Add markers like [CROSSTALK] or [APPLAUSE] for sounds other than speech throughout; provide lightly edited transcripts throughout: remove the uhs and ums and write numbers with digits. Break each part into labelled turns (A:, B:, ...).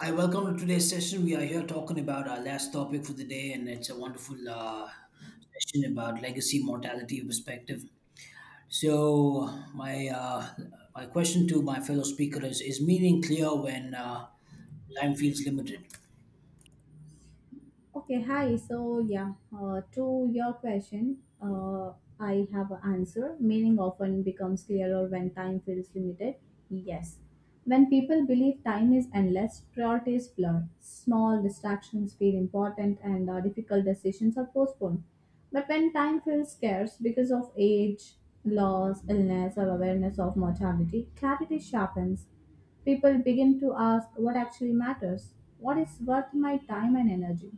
A: Hi, welcome to today's session. We are here talking about our last topic for the day, and it's a wonderful session about legacy mortality perspective. So, my question to my fellow speaker is meaning clear when time feels limited?
B: Okay, hi. So, yeah, to your question, I have an answer. Meaning often becomes clearer when time feels limited. Yes. When people believe time is endless, priorities blur. Small distractions feel important, and difficult decisions are postponed. But when time feels scarce because of age, loss, illness, or awareness of mortality, clarity sharpens. People begin to ask what actually matters, what is worth my time and energy.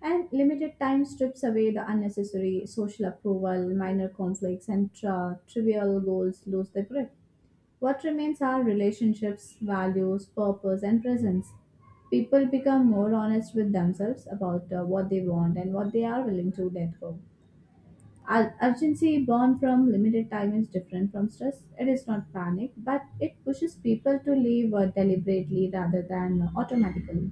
B: And limited time strips away the unnecessary social approval, minor conflicts, and trivial goals lose their grip. What remains are relationships, values, purpose, and presence. People become more honest with themselves about what they want and what they are willing to let go. Urgency born from limited time is different from stress. It is not panic, but it pushes people to live deliberately rather than automatically.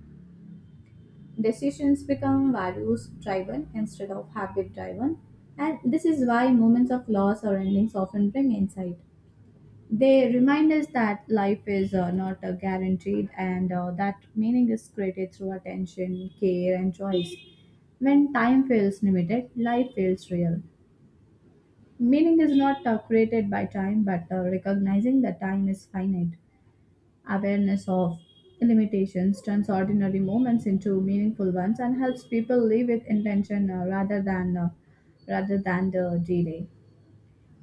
B: Decisions become values driven instead of habit driven, and this is why moments of loss or endings often bring insight. They remind us that life is not guaranteed, and that meaning is created through attention, care, and choice. When time feels limited, life feels real. Meaning is not created by time, but recognizing that time is finite. Awareness of limitations turns ordinary moments into meaningful ones and helps people live with intention rather than the delay.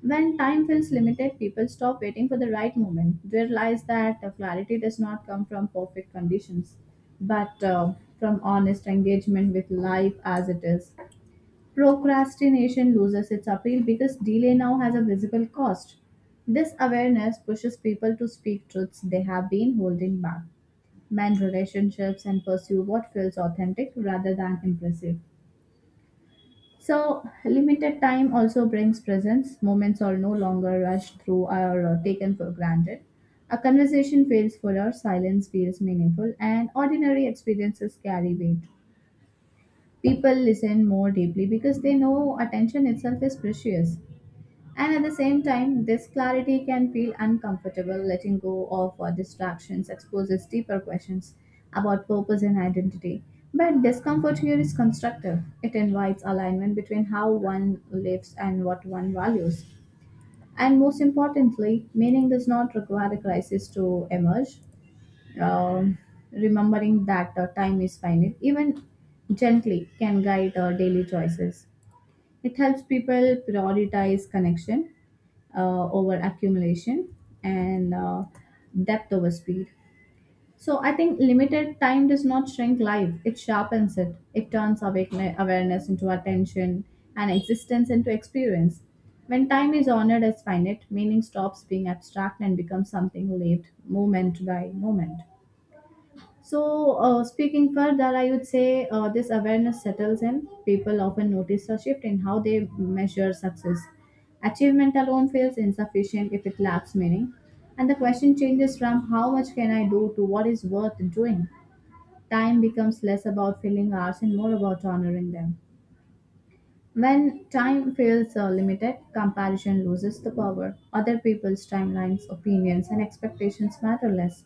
B: When time feels limited, people stop waiting for the right moment. They realize that clarity does not come from perfect conditions, but from honest engagement with life as it is. Procrastination loses its appeal because delay now has a visible cost. This awareness pushes people to speak truths they have been holding back, mend relationships, and pursue what feels authentic rather than impressive. So, limited time also brings presence. Moments are no longer rushed through or taken for granted. A conversation feels fuller, silence feels meaningful, and ordinary experiences carry weight. People listen more deeply because they know attention itself is precious. And at the same time, this clarity can feel uncomfortable. Letting go of distractions exposes deeper questions about purpose and identity. But discomfort here is constructive. It invites alignment between how one lives and what one values. And most importantly, meaning does not require a crisis to emerge. Um, Remembering that time is finite, even gently, can guide our daily choices. It helps people prioritize connection over accumulation and depth over speed. So I think limited time does not shrink life; it sharpens it. It turns awareness into attention and existence into experience. When time is honored as finite, meaning stops being abstract and becomes something lived moment by moment. So, speaking further, I would say this awareness settles in. People often notice a shift in how they measure success. Achievement alone feels insufficient if it lacks meaning. And the question changes from how much can I do to what is worth doing. Time becomes less about filling hours and more about honoring them. When time feels limited, comparison loses the power. Other people's timelines, opinions, and expectations matter less.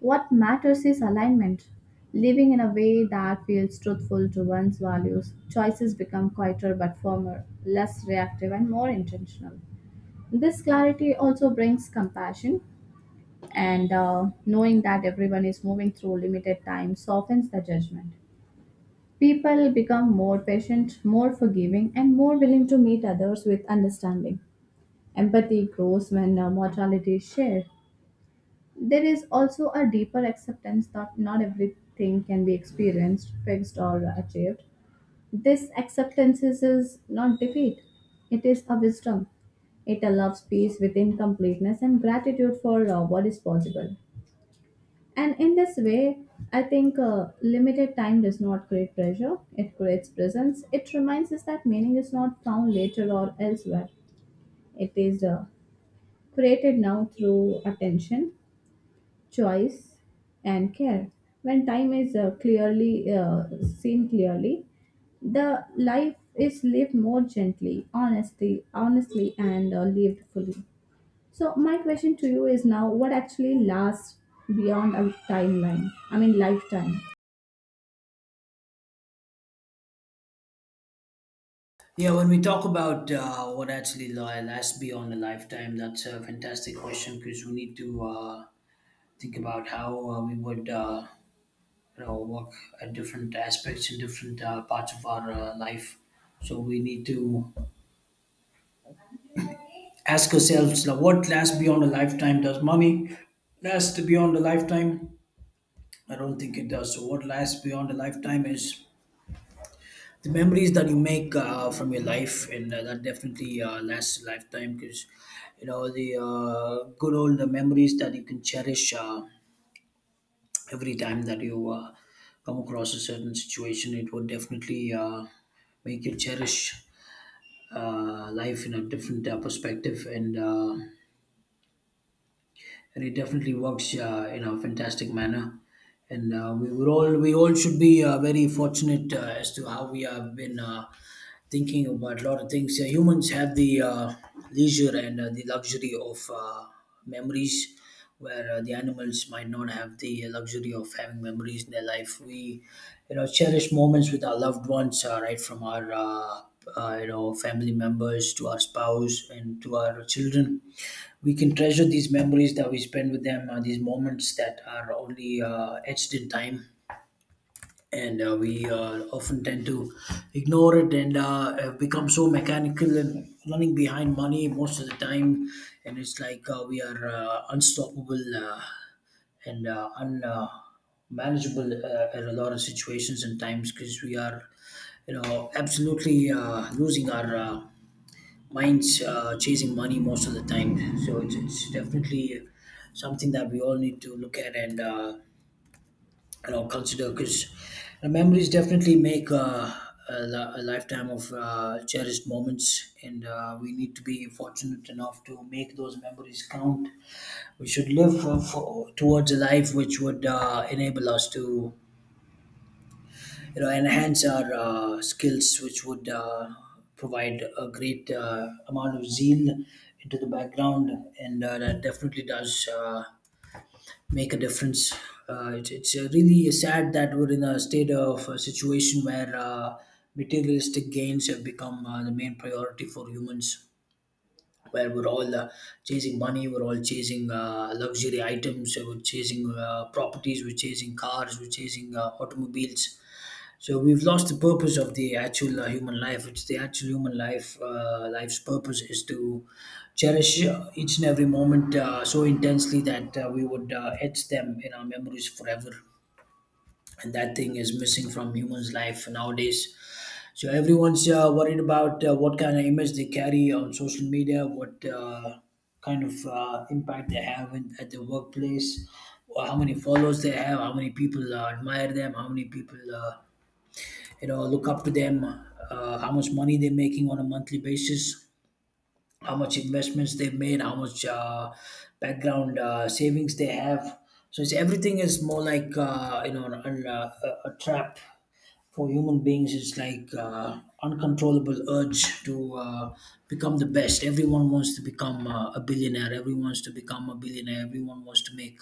B: What matters is alignment. Living in a way that feels truthful to one's values, choices become quieter but firmer, less reactive, and more intentional. This clarity also brings compassion, and knowing that everyone is moving through limited time softens the judgment. People become more patient, more forgiving, and more willing to meet others with understanding. Empathy grows when mortality is shared. There is also a deeper acceptance that not everything can be experienced, fixed, or achieved. This acceptance is not defeat, it is a wisdom. It allows peace within completeness and gratitude for what is possible. And in this way, I think limited time does not create pressure, it creates presence. It reminds us that meaning is not found later or elsewhere, it is created now through attention, choice, and care. When time is clearly seen clearly, the life is lived more gently, honestly, and lived fully. So my question to you is now, what actually lasts beyond a timeline I mean lifetime?
A: Yeah, when we talk about what actually lasts beyond a lifetime, that's a fantastic question because we need to uh, think about how we would work at different aspects in different parts of our life, so we need to ask ourselves like, what lasts beyond a lifetime? Does money last beyond a lifetime? I don't think it does. So what lasts beyond a lifetime is the memories that you make from your life, and that definitely lasts a lifetime, because you know the good old memories that you can cherish every time that you come across a certain situation, it would definitely make you cherish life in a different perspective. And it definitely works in a fantastic manner. And we all should be very fortunate as to how we have been thinking about a lot of things. Humans have the leisure and the luxury of memories, where the animals might not have the luxury of having memories in their life. We, you know, cherish moments with our loved ones, right from our you know, family members to our spouse and to our children. We can treasure these memories that we spend with them, these moments that are only etched in time. And we often tend to ignore it, and have become so mechanical and running behind money most of the time. And it's like we are unstoppable and un. Manageable in a lot of situations and times, because we are, you know, absolutely losing our minds chasing money most of the time. So it's definitely something that we all need to look at and, you know, consider, because memories definitely make a lifetime of cherished moments, and we need to be fortunate enough to make those memories count. We should live towards a life which would enable us to, you know, enhance our skills, which would provide a great amount of zeal into the background, and that definitely does make a difference. It's really sad that we're in a state of a situation where materialistic gains have become the main priority for humans, where we're all chasing money, we're all chasing luxury items, we're chasing properties, we're chasing cars, we're chasing automobiles. So we've lost the purpose of the actual human life. It's the actual human life, life's purpose is to cherish each and every moment so intensely that we would etch them in our memories forever. And that thing is missing from humans' life nowadays. So everyone's worried about what kind of image they carry on social media, what kind of impact they have in, at the workplace, or how many followers they have, how many people admire them, how many people look up to them, how much money they're making on a monthly basis, how much investments they've made, how much background savings they have. So it's, everything is more like, a trap for human beings. It's like uncontrollable urge to become the best. Everyone wants to become a billionaire, everyone wants to become a billionaire, everyone wants to make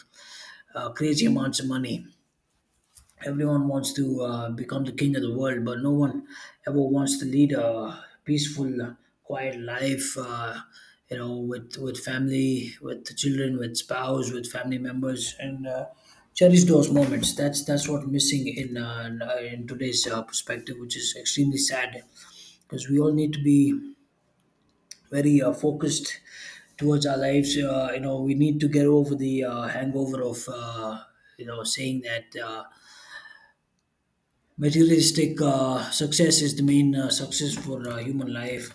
A: crazy amounts of money. Everyone wants to become the king of the world, but no one ever wants to lead a peaceful, quiet life. You know, with family, with the children, with spouse, with family members, and cherish those moments. That's what's missing in in today's perspective, which is extremely sad, because we all need to be very focused towards our lives. You know, we need to get over the hangover of, you know, saying that materialistic success is the main success for human life.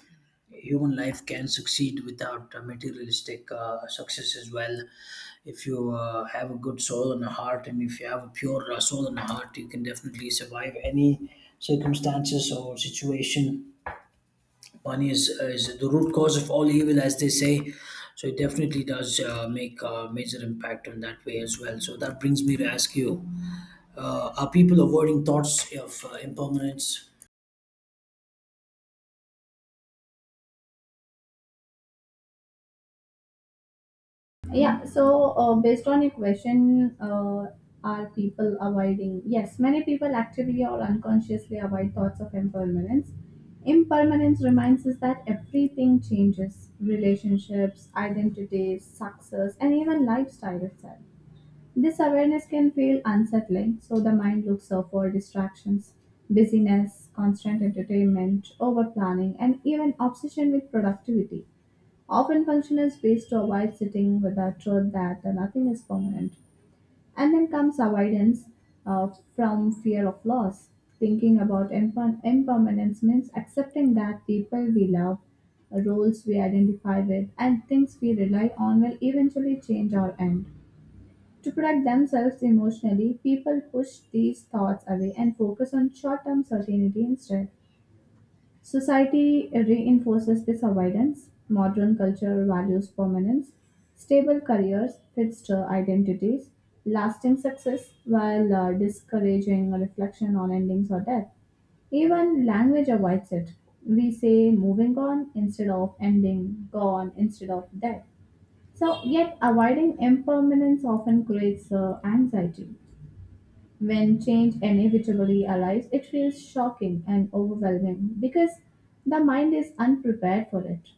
A: Human life can succeed without materialistic success as well. If you have a good soul and a heart, and if you have a pure soul and a heart, you can definitely survive any circumstances or situation. Money is the root cause of all evil, as they say. So it definitely does make a major impact on that way as well. So that brings me to ask you, are people avoiding thoughts of impermanence?
B: Yeah, so based on your question, are people avoiding? Yes, many people actively or unconsciously avoid thoughts of impermanence. Impermanence reminds us that everything changes relationships, identities, success, and even lifestyle itself. This awareness can feel unsettling, so the mind looks out for distractions, busyness, constant entertainment, over planning, and even obsession with productivity. Often, function is ways to avoid sitting with the truth that nothing is permanent. And then comes avoidance uh, from fear of loss. Thinking about impermanence means accepting that people we love, roles we identify with, and things we rely on will eventually change or end. To protect themselves emotionally, people push these thoughts away and focus on short term certainty instead. Society reinforces this avoidance. Modern culture values permanence, stable careers, fixed identities, lasting success, while discouraging reflection on endings or death. Even language avoids it. We say moving on instead of ending, gone instead of dead. So, yet avoiding impermanence often creates anxiety. When change inevitably arrives, it feels shocking and overwhelming because the mind is unprepared for it.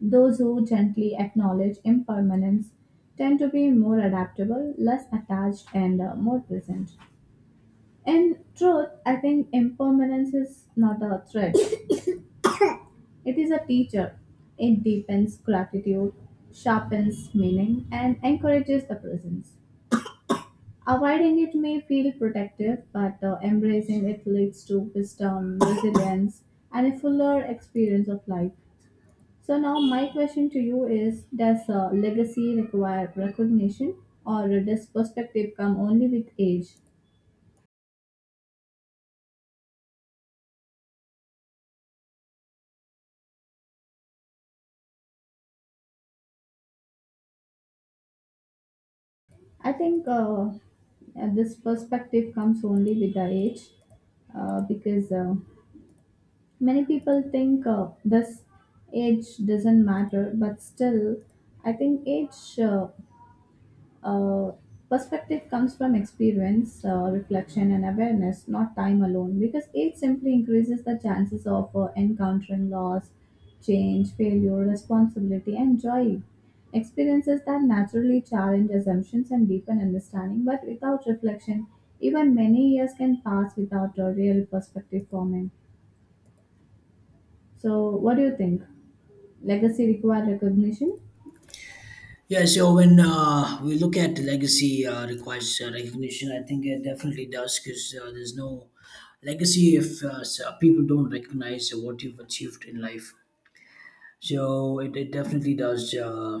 B: Those who gently acknowledge impermanence tend to be more adaptable, less attached, and more present. In truth, I think impermanence is not a threat, [COUGHS] it is a teacher. It deepens gratitude, sharpens meaning, and encourages the presence. Avoiding it may feel protective, but embracing it leads to wisdom, resilience, and a fuller experience of life. So, now my question to you is: Does legacy require recognition, or does perspective come only with age? I think this perspective comes only with the age because many people think this age doesn't matter, but still, I think age. Uh, perspective comes from experience, reflection, and awareness, not time alone, because age simply increases the chances of encountering loss, change, failure, responsibility, and joy. Experiences that naturally challenge assumptions and deepen understanding, but without reflection, even many years can pass without a real perspective forming. So, what do you think? Legacy require recognition?
A: Yeah, so when we look at legacy requires recognition, I think it definitely does, because there's no legacy if, people don't recognize what you've achieved in life. So it definitely does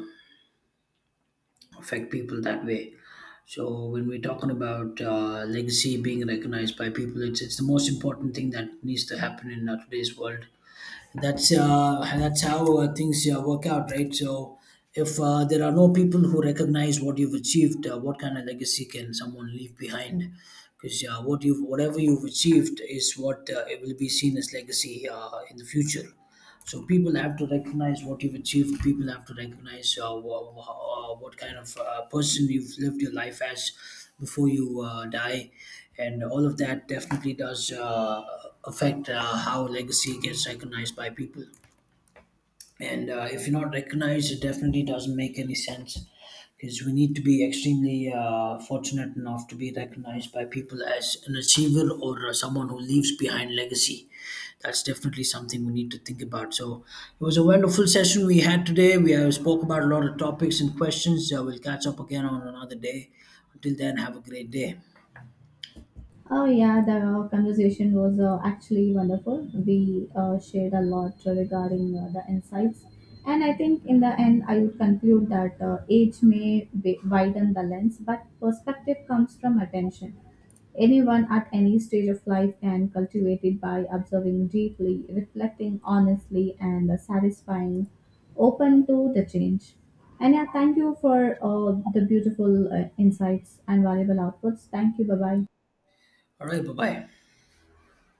A: affect people that way. So when we're talking about legacy being recognized by people, it's the most important thing that needs to happen in today's world. That's how things work out, right? So if there are no people who recognize what you've achieved, what kind of legacy can someone leave behind? Because whatever you've achieved is what it will be seen as legacy in the future. So people have to recognize what you've achieved. People have to recognize what kind of person you've lived your life as before you die, and all of that definitely does affect how legacy gets recognized by people. And if you're not recognized, it definitely doesn't make any sense, because we need to be extremely fortunate enough to be recognized by people as an achiever, or someone who leaves behind legacy. That's definitely something we need to think about. So it was a wonderful session we had today. We spoke about a lot of topics and questions. We'll catch up again on another day. Until then, have a great day.
B: Oh yeah, the conversation was actually wonderful. We shared a lot regarding the insights, and I think in the end, I would conclude that age may widen the lens, but perspective comes from attention. Anyone at any stage of life can cultivate it by observing deeply, reflecting honestly, and satisfying, open to the change. And yeah, thank you for the beautiful insights and valuable outputs. Thank you. Bye bye.
A: All right, bye bye.